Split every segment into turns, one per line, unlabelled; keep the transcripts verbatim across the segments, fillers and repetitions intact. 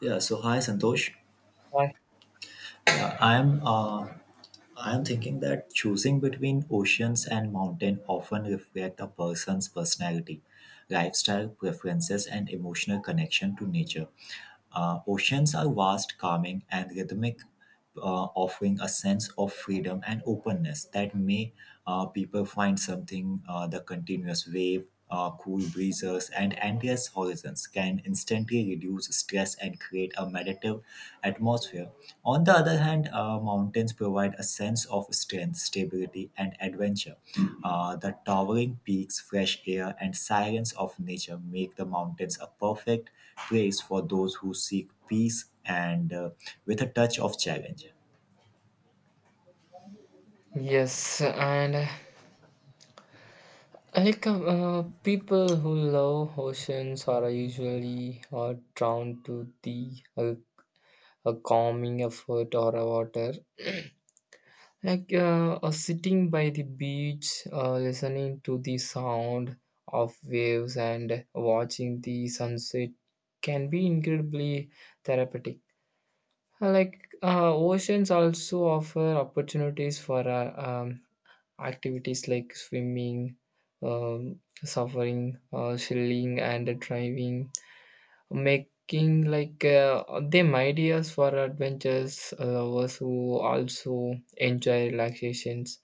Yeah, so hi Santosh.
Right.
Uh, I am uh, I am thinking that choosing between oceans and mountain often reflect a person's personality, lifestyle preferences, and emotional connection to nature. Uh, oceans are vast, calming, and rhythmic, uh, offering a sense of freedom and openness that may uh, people find something uh, the continuous wave, uh, cool breezes, and endless horizons can instantly reduce stress and create a meditative atmosphere. On the other hand, uh, mountains provide a sense of strength, stability, and adventure. Uh, the towering peaks, fresh air, and silence of nature make the mountains a perfect place for those who seek peace and uh, with a touch of challenge.
Yes, and uh, like uh, people who love oceans are usually are drawn to the uh, a calming effort or a water. Like uh, uh, sitting by the beach, uh, listening to the sound of waves and watching the sunset can be incredibly therapeutic. Uh, Like uh, oceans also offer opportunities for uh, um, activities like swimming, um, suffering, uh, sailing, and driving, making like uh, them ideas for adventures uh, lovers who also enjoy relaxations.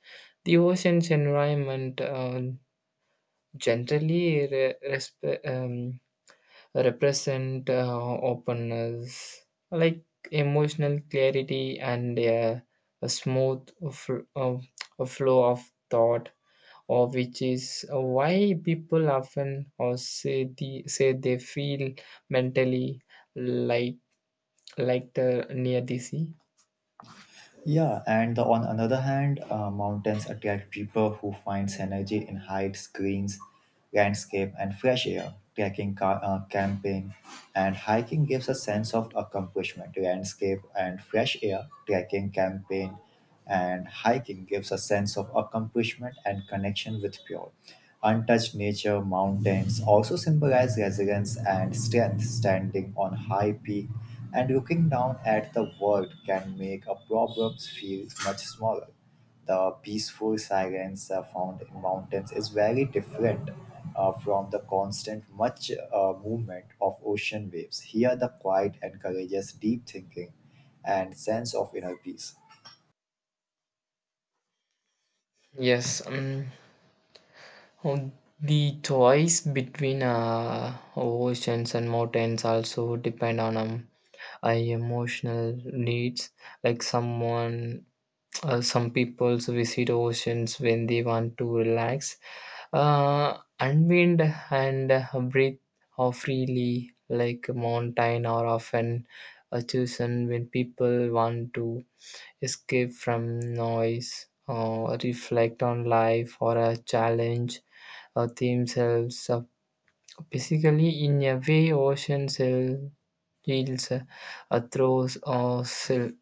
The ocean's environment uh, generally re- resp- um, represent uh, openness, like emotional clarity and uh, a smooth fl- uh, a flow of thought, or which is uh, why people often or say the say they feel mentally like like the near the sea.
Yeah, and the, on another hand, uh, mountains attract people who finds energy in heights, greens, landscape, and fresh air. Trekking, ca- uh, camping, and hiking gives a sense of accomplishment. Landscape and fresh air, trekking, camping, and hiking gives a sense of accomplishment and connection with pure. Untouched nature, mountains also symbolize resilience and strength. Standing on high peak and looking down at the world can make a problem feel much smaller. The peaceful silence uh, found in mountains is very different uh, from the constant much uh, movement of ocean waves. Here, the quiet encourages deep thinking and sense of inner peace.
Yes um, Um, the choice between uh, oceans and mountains also depend on um, uh, emotional needs. Like someone, uh, some people visit oceans when they want to relax, uh, unwind, and uh, breathe off freely. Like mountain are often uh, chosen when people want to escape from noise or reflect on life or a challenge uh, themselves. Uh, basically, in a way, ocean cell feels uh, uh, throws or sil-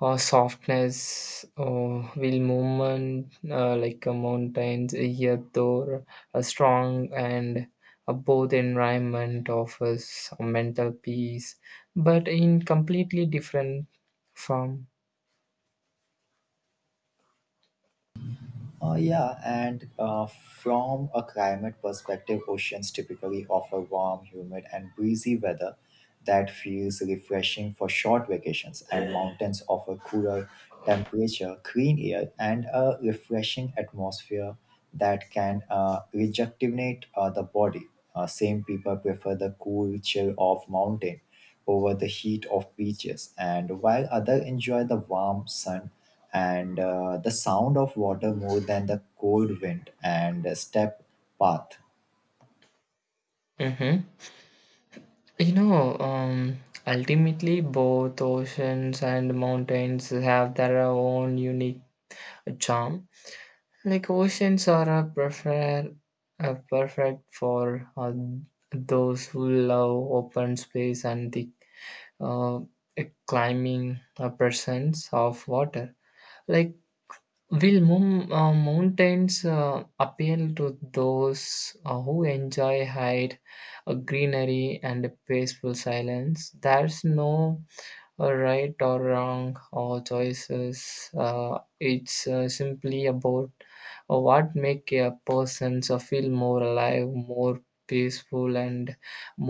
or softness or will movement uh, like a mountains here though a strong and a both environment offers a mental peace but in completely different form.
Uh, yeah, and uh, from a climate perspective, oceans typically offer warm, humid, and breezy weather that feels refreshing for short vacations, and mountains offer cooler temperature, clean air, and a refreshing atmosphere that can uh, rejuvenate uh, the body. Uh, same people prefer the cool chill of mountain over the heat of beaches, and while others enjoy the warm sun and uh, the sound of water more than the cold wind and step path.
Hmm. You know, um, ultimately, both oceans and mountains have their own unique charm. Like oceans are a prefer, a perfect for uh, those who love open space and the uh, climbing uh, presence of water. Like will mom, uh, mountains uh, appeal to those uh, who enjoy height, uh, greenery, and peaceful silence. There's no uh, right or wrong or choices. Uh, it's uh, simply about uh, what make a person so feel more alive, more peaceful, and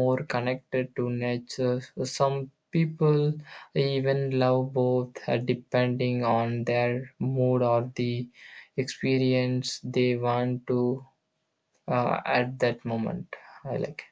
more connected to nature. Some people even love both, uh, depending on their mood or the experience they want to uh, at that moment. I like.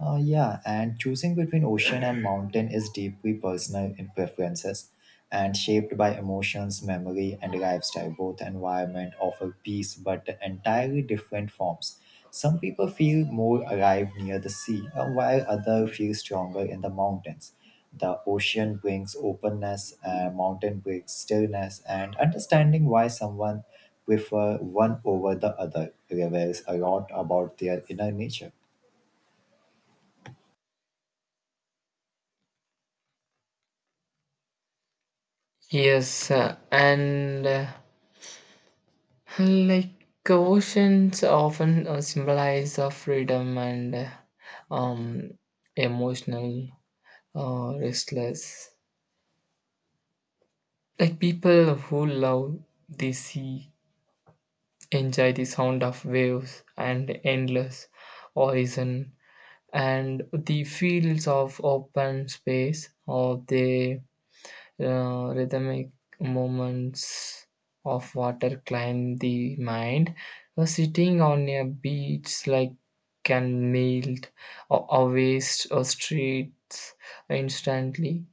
Uh, yeah, and choosing between ocean and mountain is deeply personal in preferences and shaped by emotions, memory, and lifestyle. Both environment offer peace, but entirely different forms. Some people feel more alive near the sea, uh, while others feel stronger in the mountains. The ocean brings openness, and mountain brings stillness, and understanding why someone prefer one over the other reveals a lot about their inner nature.
Yes, uh, and. Uh, Like oceans often uh, symbolize of freedom and uh, um, emotional uh, restless. Like people who love the sea enjoy the sound of waves and endless horizon and the fields of open space or they uh, rhythmic movements of water climb the mind. Uh, sitting on a beach like can melt or, or waste or streets instantly.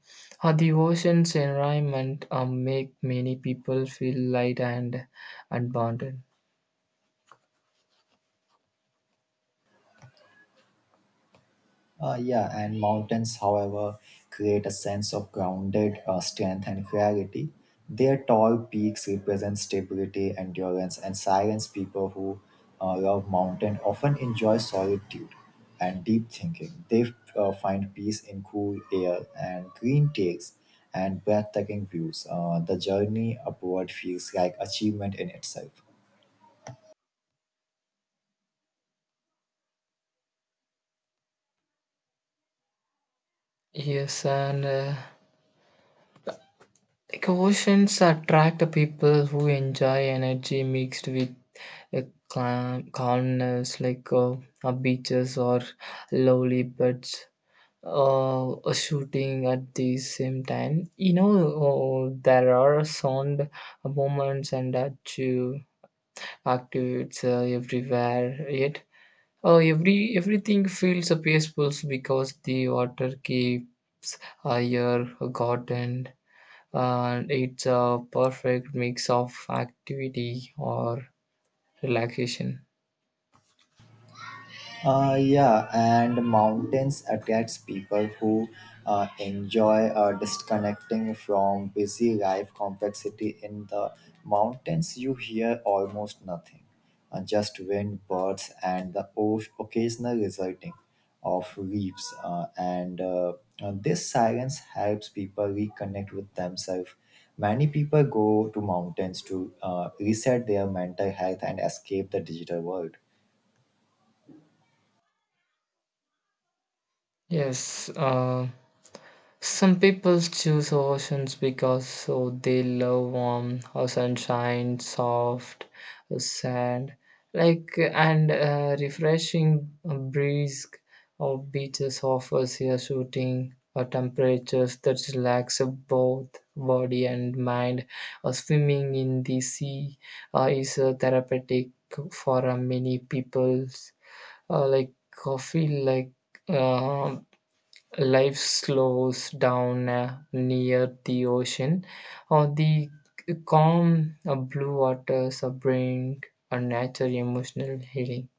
Uh, the ocean's environment uh, make many people feel light and abundant.
Uh, yeah, and mountains, however, create a sense of grounded uh, strength and clarity. Their tall peaks represent stability, endurance, and silence. People who uh, love mountain often enjoy solitude and deep thinking. They uh, find peace in cool air and green takes and breathtaking views. Uh, the journey upward feels like achievement in itself.
Yes, and uh, like oceans attract the people who enjoy energy mixed with a cla- calmness like uh, uh, beaches or lovely birds uh, uh, shooting at the same time. You know, uh, there are sound moments and that you activates uh, everywhere. Yet, uh, every everything feels uh, peaceful because the water keeps uh, your garden. And uh, it's a perfect mix of activity or relaxation.
Uh, yeah, and mountains attracts people who uh, enjoy uh, disconnecting from busy life complexity. In the mountains, you hear almost nothing, uh, just wind, birds, and the o- occasional resulting of leaves. Uh, and uh, uh, this silence helps people reconnect with themselves. Many people go to mountains to uh, reset their mental health and escape the digital world.
Yes, uh, some people choose oceans because so they love warm or sunshine, soft sand, like and uh, refreshing breeze or beaches offers here shooting or temperatures that relax both body and mind. Or swimming in the sea uh, is uh, therapeutic for uh, many peoples. Uh, like coffee, like. Uh, Life slows down uh, near the ocean, or the calm uh, blue waters uh, bring a nature emotional healing.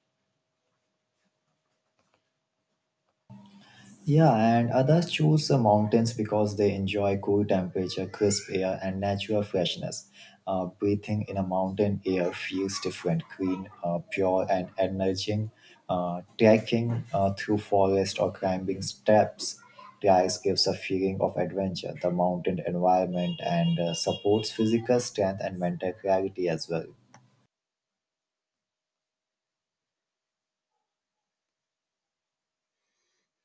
Yeah, and others choose the mountains because they enjoy cool temperature, crisp air, and natural freshness. Uh, breathing in a mountain air feels different, clean, uh, pure, and energizing. Uh, trekking uh, through forest or climbing steps rise gives a feeling of adventure. The mountain environment and uh, supports physical strength and mental clarity as well.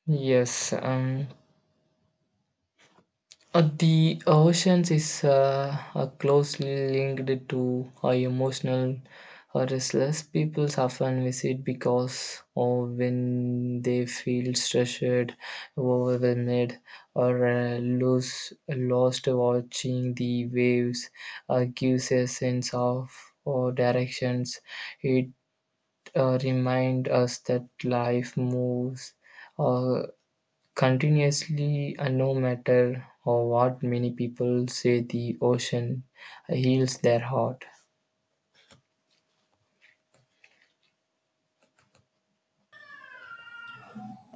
Yes, um, Uh, the oceans is uh, uh, closely linked to uh, emotional uh, restless. People often visit because uh, when they feel stressed, overwhelmed, or uh, lose, lost, watching the waves uh, gives a sense of uh, directions. It uh, reminds us that life moves. Uh, Continuously and no matter or what many people say the ocean heals their heart.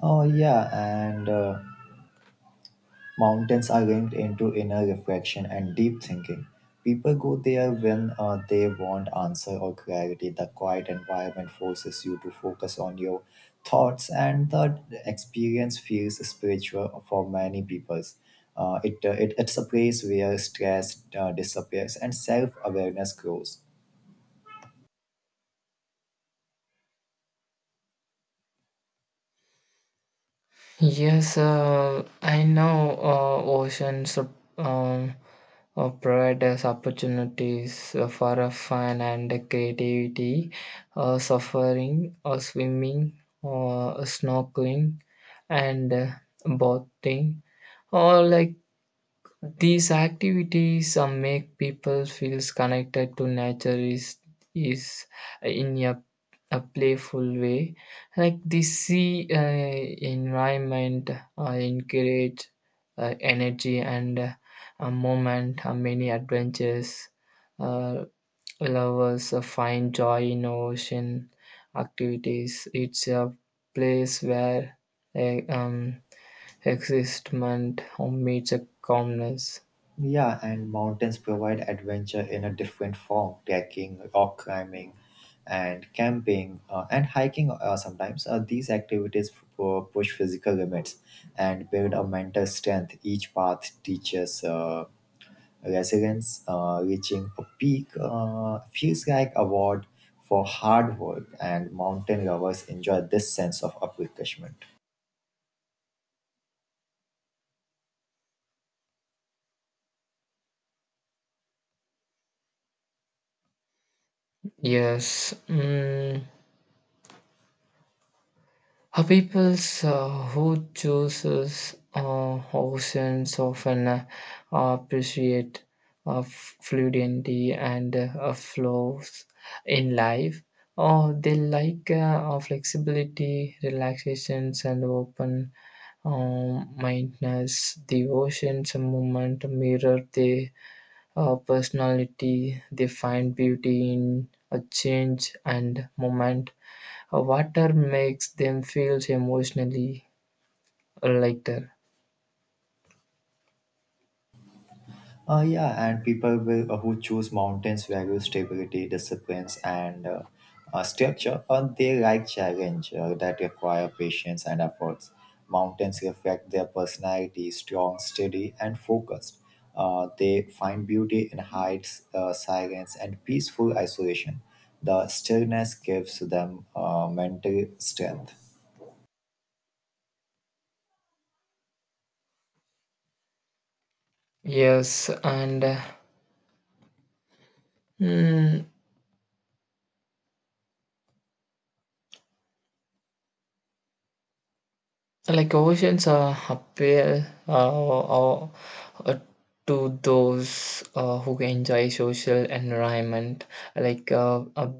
Oh yeah, and. Uh, Mountains are linked into inner reflection and deep thinking. People go there when uh, they want answer or clarity. The quiet environment forces you to focus on your thoughts, and the experience feels spiritual for many people. Uh, it, uh, it, it's a place where stress uh, disappears and self awareness grows.
Yes, uh, I know uh, oceans um, uh, provide us opportunities uh, for uh, fun and creativity, uh, suffering or swimming or snorkeling and uh, boating or like these activities uh, make people feel connected to nature is, is in a, a playful way. Like the sea uh, environment uh, encourage uh, energy and uh, a moment, uh, many adventures. Uh, Lovers uh, find joy in ocean activities. It's a place where uh, um, existment meets a calmness.
Yeah, and mountains provide adventure in a different form trekking, rock climbing, and camping, uh, and hiking uh, sometimes. Uh, these activities pu- push physical limits and build a mental strength. Each path teaches uh, resilience. Uh, reaching a peak uh, feels like award for hard work, and mountain lovers enjoy this sense of accomplishment.
Yes. Mm. A peoples uh, who chooses uh, oceans often uh, appreciate uh, fluidity and uh, uh, flows in life. Oh, they like uh, uh, flexibility, relaxations, and open um, mindedness. The oceans movement mirror their uh, personality. They find beauty in a change and moment. Uh, Water makes them feel emotionally lighter.
Uh, yeah, and people will, uh, who choose mountains value stability, disciplines, and uh, uh, structure, or they like challenge uh, that require patience and efforts. Mountains reflect their personality, strong, steady, and focused. Uh, they find beauty in heights, uh, silence, and peaceful isolation. The stillness gives them uh, mental strength.
Yes, and uh, mm, like oceans uh, appeal uh, uh, uh, to those uh, who enjoy social environment, like uh, uh,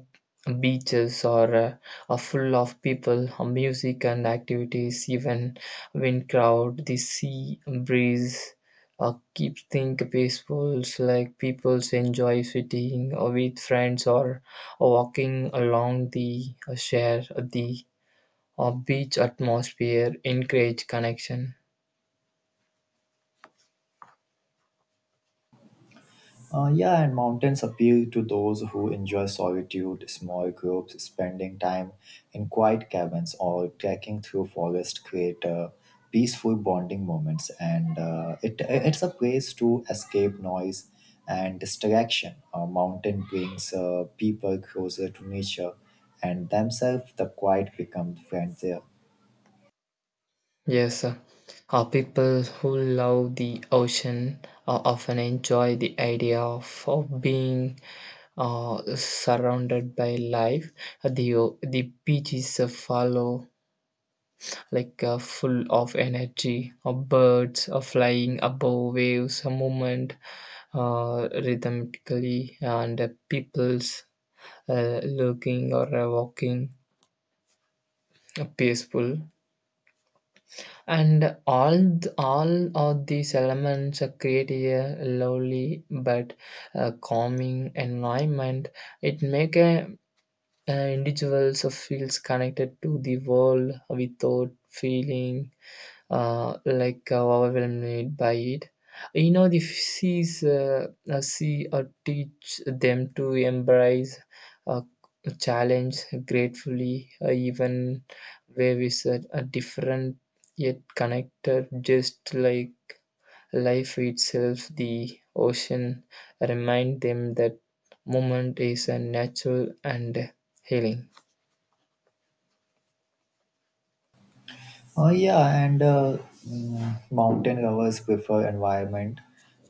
beaches or uh, are full of people, uh, music and activities. Even wind crowd, the sea breeze uh, keeps things peaceful. So, like people enjoy sitting uh, with friends or walking along the uh, share the a beach atmosphere encourage connection.
Uh, yeah, and mountains appeal to those who enjoy solitude, small groups, spending time in quiet cabins, or trekking through forest create uh, peaceful bonding moments. And uh, it, it's a place to escape noise and distraction. A mountain brings uh, people closer to nature and themselves. The quiet become friends there.
Yes, uh, uh, people who love the ocean uh, often enjoy the idea of, of being uh, surrounded by life. The o- the beaches uh, follow like uh, full of energy. Uh, birds are flying above waves, a movement uh, rhythmically, and uh, people's uh, looking or uh, walking uh, peaceful. And all th- all of these elements uh, create a lovely but uh, calming environment. It make a, uh, individuals uh, feels connected to the world without feeling uh, like uh, overwhelmed by it. You know, the sees uh, uh, see or teach them to embrace uh, challenge gratefully, uh, even where we said a different yet connected, just like life itself. The ocean remind them that moment is a natural and healing.
Uh, yeah, and uh, mm, mountain lovers prefer environment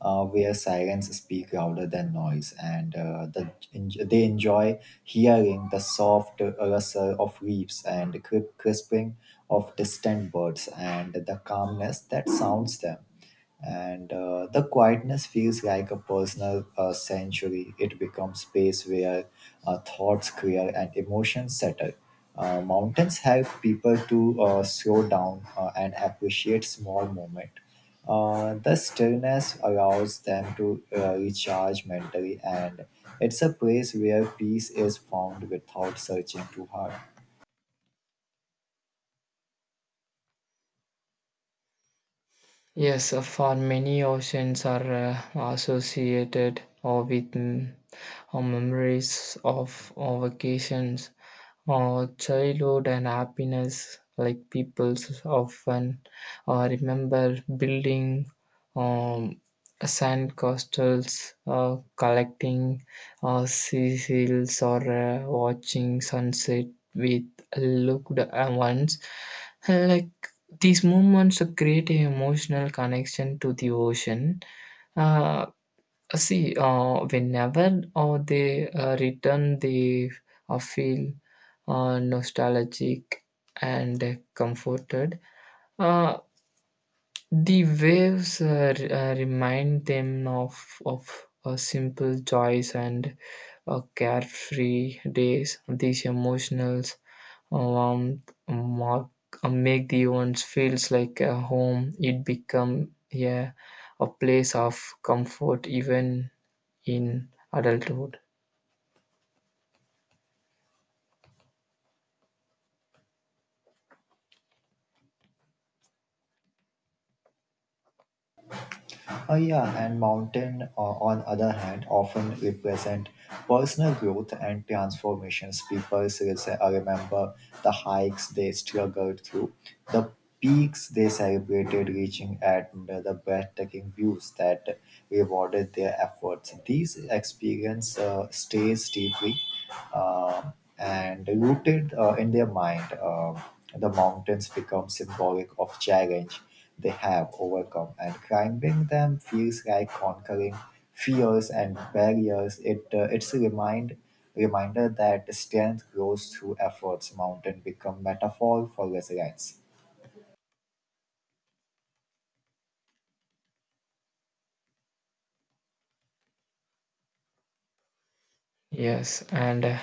uh, where sirens speak louder than noise, and uh, the, enj- they enjoy hearing the soft rustle of leaves and cri- crisping of distant birds and the calmness that sounds them and uh, the quietness feels like a personal uh, sanctuary. It becomes space where uh, thoughts clear and emotions settle. Uh, mountains help people to uh, slow down uh, and appreciate small moments. Uh, the stillness allows them to uh, recharge mentally, and it's a place where peace is found without searching too hard.
Yes, uh, for many oceans are uh, associated or with mm, uh, memories of uh, vacations, uh, childhood and happiness, like people s- often uh, remember building um, sand castles, uh, collecting uh, sea seals, or uh, watching sunset with loved ones. Like these moments create an emotional connection to the ocean. Uh, See, uh, whenever uh, they uh, return, they uh, feel uh, nostalgic and comforted. Uh, the waves uh, re- uh, remind them of of uh, simple joys and uh, carefree days. These emotionals um, mark, uh, make the ones feels like a home. It become a, a place of comfort even in adulthood.
Uh, yeah, and mountain, uh, on other hand, often represent personal growth and transformations. People still say, uh, remember the hikes they struggled through, the peaks they celebrated reaching, at, and uh, the breathtaking views that rewarded their efforts. These experience uh, stays deeply um and rooted uh, in their mind. Um the mountains become symbolic of challenge they have overcome, and climbing them feels like conquering fears and barriers. It uh, it's a remind reminder that strength grows through efforts. Mountain become metaphor for resilience.
Yes, and uh,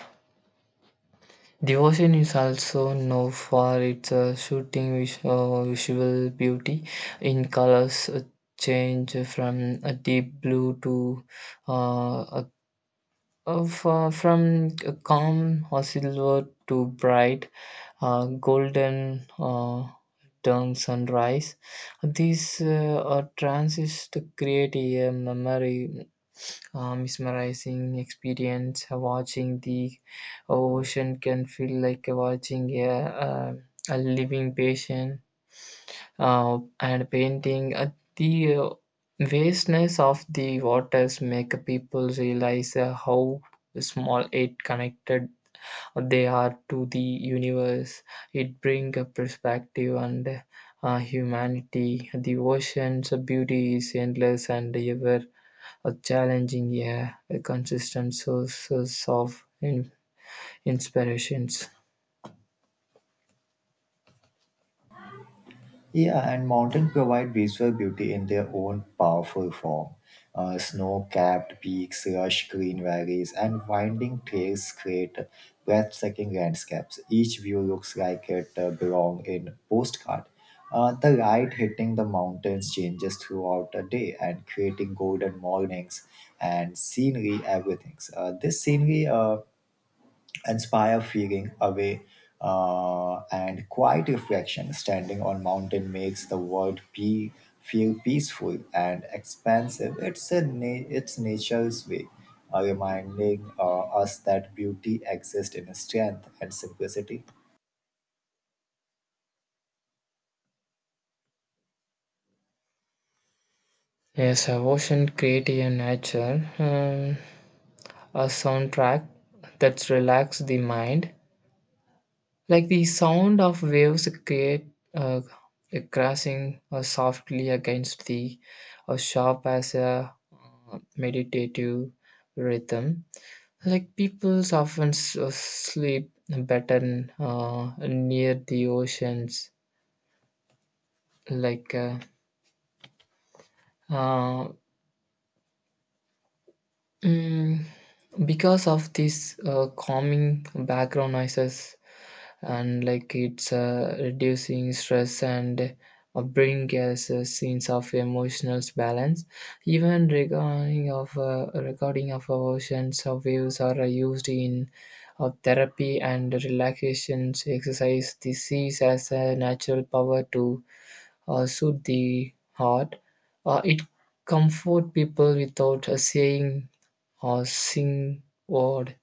the ocean is also known for its uh, shooting vis- uh, visual beauty in colors uh, change from a deep blue to uh, a Uh, fro- from calm silver to bright uh, golden uh, turn sunrise, these uh, uh, transits to create a memory uh, mesmerizing experience. Watching the ocean can feel like watching a, a, a living patient uh, and painting. Uh, the uh, vastness of the waters make people realize uh, how small it connected uh, they are to the universe. It brings a perspective and uh, humanity. The ocean's beauty is endless and ever a challenging, yeah, a consistent sources of in- inspirations.
Yeah, and mountains provide visual beauty in their own powerful form. Uh, Snow capped peaks, lush green valleys, and winding trails create breathtaking landscapes. Each view looks like it uh, belongs in a postcard. Uh, the light hitting the mountains changes throughout the day and creating golden mornings and scenery, everything. Uh, this scenery uh, inspire feeling away uh, and quiet reflection standing on mountain makes the world pe- feel peaceful and expansive it's a na- it's nature's way uh, reminding uh, us that beauty exists in strength and simplicity.
Yes, uh, ocean creative nature. Um, a soundtrack that relaxes the mind, like the sound of waves create uh, a crashing uh, softly against the uh, sharp as a uh, meditative rhythm. Like people often s- uh, sleep better uh, near the oceans, like. Uh, uh, mm, because of these uh, calming background noises and like it's uh, reducing stress and uh, bring us a sense of emotional balance, even recording of uh, recording of emotions of waves are used in uh, therapy and relaxation exercise. This sees as a natural power to uh, soothe the heart. Uh, it comfort people without a saying or sing word.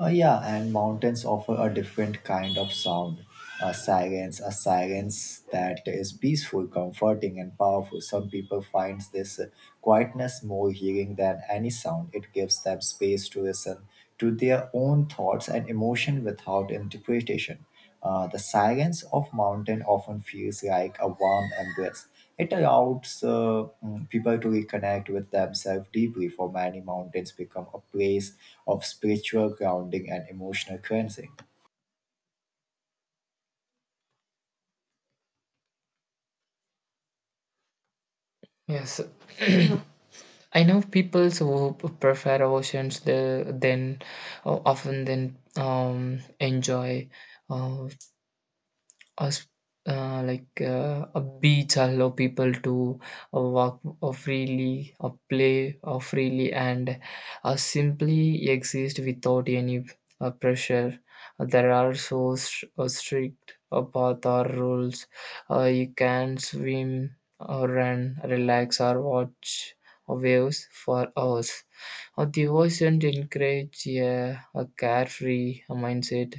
Uh, yeah, and mountains offer a different kind of sound, a silence, a silence that is peaceful, comforting, and powerful. Some people find this uh, quietness more healing than any sound. It gives them space to listen to their own thoughts and emotion without interpretation. Uh, the silence of mountain often feels like a warm embrace. It allows uh, mm, people to reconnect with themselves deeply. For many, mountains become a place of spiritual grounding and emotional cleansing.
Yes. I know people who p- prefer oceans the, than uh, often than um, enjoy. Uh, Us uh, like uh, a beach allow people to uh, walk uh, freely or play uh, freely and uh, simply exist without any uh, pressure. Uh, there are so st- uh, strict uh, path or rules, uh, you can swim or run relax or watch uh, waves for hours. Uh, the ocean encourages a, a carefree mindset.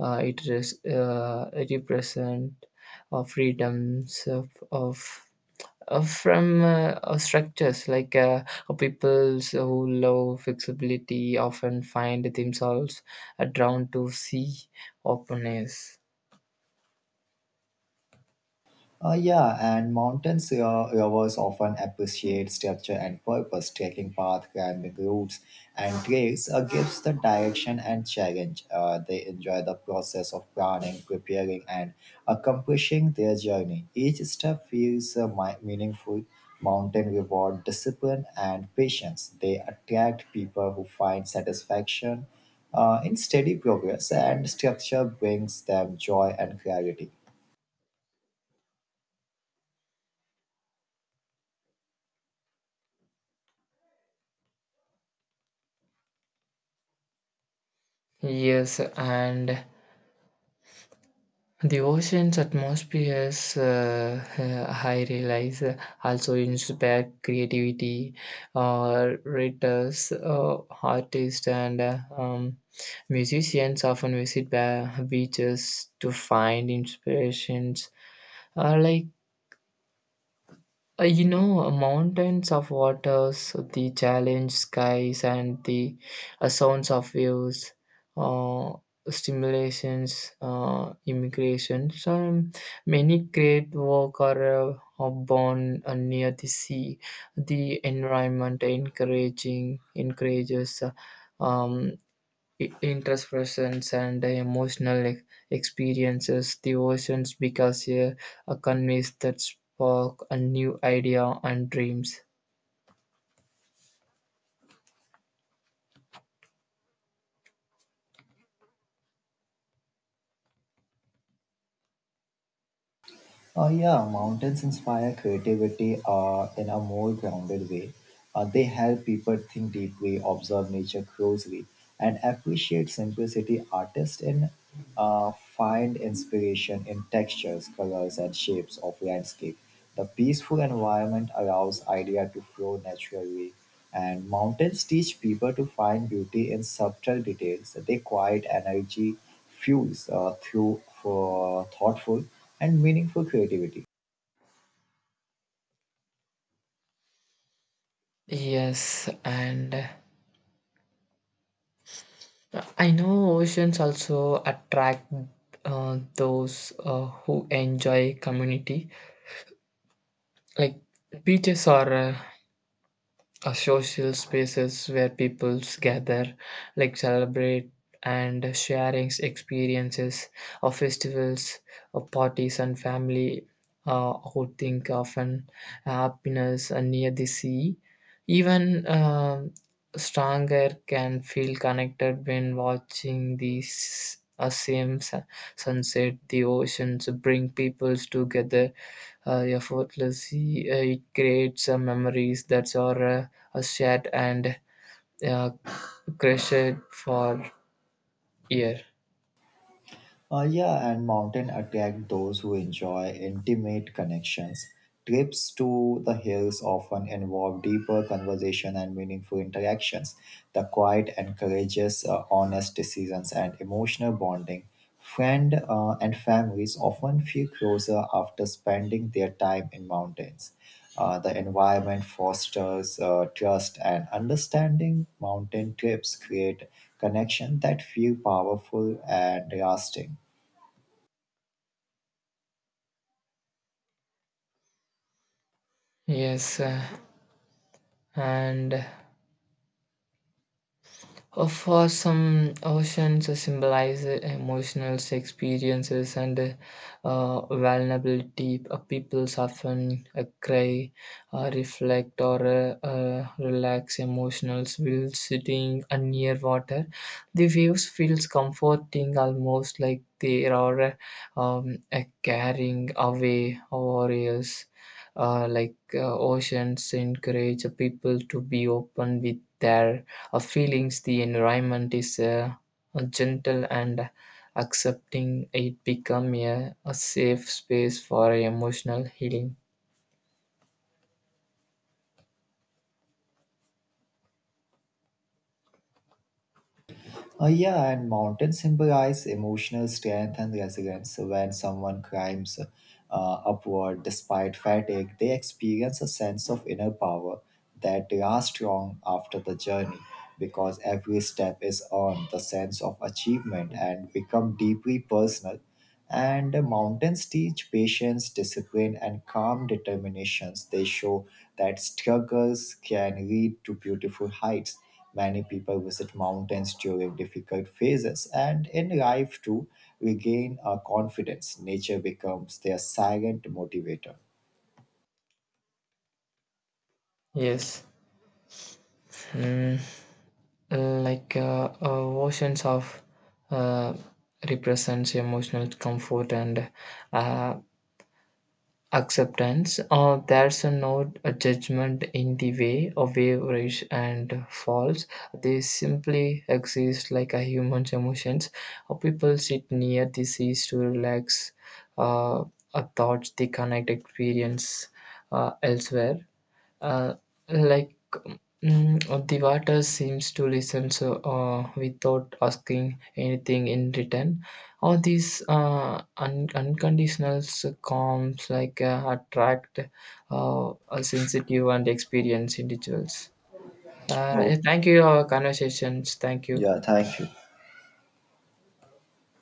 uh, It res- uh, represents uh, freedoms of, of uh, from uh, uh, structures like uh, uh, peoples who love flexibility often find themselves uh, drawn to sea openness.
Uh, yeah, and mountains uh, lovers often appreciate structure and purpose. Trekking path, climbing routes, and trails uh, gives the direction and challenge. Uh, they enjoy the process of planning, preparing, and accomplishing their journey. Each step feels uh, mi- meaningful. Mountain reward discipline and patience. They attract people who find satisfaction uh, in steady progress, and structure brings them joy and clarity.
Yes, and the ocean's atmosphere is, uh, I realize, uh, also inspire creativity, uh, writers, uh, artists, and uh, um, musicians often visit ba- beaches to find inspirations. Uh, like uh, you know, uh, mountains of waters, the challenge skies, and the uh, sounds of waves, uh, stimulations, uh, immigrations. Um, many great work are, uh, are born uh, near the sea. The environment encouraging encourages uh, um, i- introspections and emotional e- experiences, the oceans because a a canvas that spark a new idea and dreams.
Uh, yeah, mountains inspire creativity uh, in a more grounded way. Uh, they help people think deeply, observe nature closely, and appreciate simplicity. Artists in uh, find inspiration in textures, colors, and shapes of landscape. The peaceful environment allows idea to flow naturally, and mountains teach people to find beauty in subtle details. They quiet energy, fuels uh, through for thoughtful and meaningful creativity.
Yes, and uh, I know oceans also attract uh, those uh, who enjoy community. Like beaches are uh, uh, social spaces where people gather, like celebrate and sharing experiences of festivals, of parties and family uh, outing, often happiness and near the sea. Even um stronger can feel connected when watching these uh, same sun- sunset. The oceans bring peoples together uh, effortlessly. Uh, it creates uh, memories that are uh, uh, shared and uh, crushed for year.
Uh, yeah, and mountain attract those who enjoy intimate connections. Trips to the hills often involve deeper conversation and meaningful interactions. The quiet encourages uh, honest decisions and emotional bonding. Friend uh, and families often feel closer after spending their time in mountains. Uh, the environment fosters uh, trust and understanding. Mountain trips create connection that feel powerful and lasting.
Yes, uh, and Uh, for some, oceans symbolize emotional experiences and uh, vulnerability. Uh, People often uh, cry, uh, reflect, or uh, uh, relax emotional while sitting uh, near water. The views feels comforting, almost like they are um, uh, carrying away warriors. Uh, like uh, oceans encourage people to be open with their our feelings. The environment is uh, gentle and accepting. It become a, a safe space for emotional healing.
Uh, yeah, and mountains symbolize emotional strength and resilience. So when someone climbs uh, upward despite fatigue, they experience a sense of inner power that lasts long after the journey because every step is earned the sense of achievement and become deeply personal and the mountains teach patience, discipline, and calm determinations. They show that struggles can lead to beautiful heights. Many people visit mountains during difficult phases and in life to regain a confidence. Nature becomes their silent motivator.
Yes, mm, like uh, uh, oceans of uh, represents emotional comfort and uh, acceptance. Uh, there's a no a judgment in the way of average and false. They simply exist like a human's emotions. Uh, people sit near the seas to relax uh, uh, thoughts they connect experience uh, elsewhere. uh, like Mm, uh, the water seems to listen so, uh, without asking anything in return. All these uh, un- unconditional s- calms like uh, attract uh, a sensitive and experienced individuals. Uh,
Oh,
yeah, thank you, our conversations. Thank you.
yeah, thank you.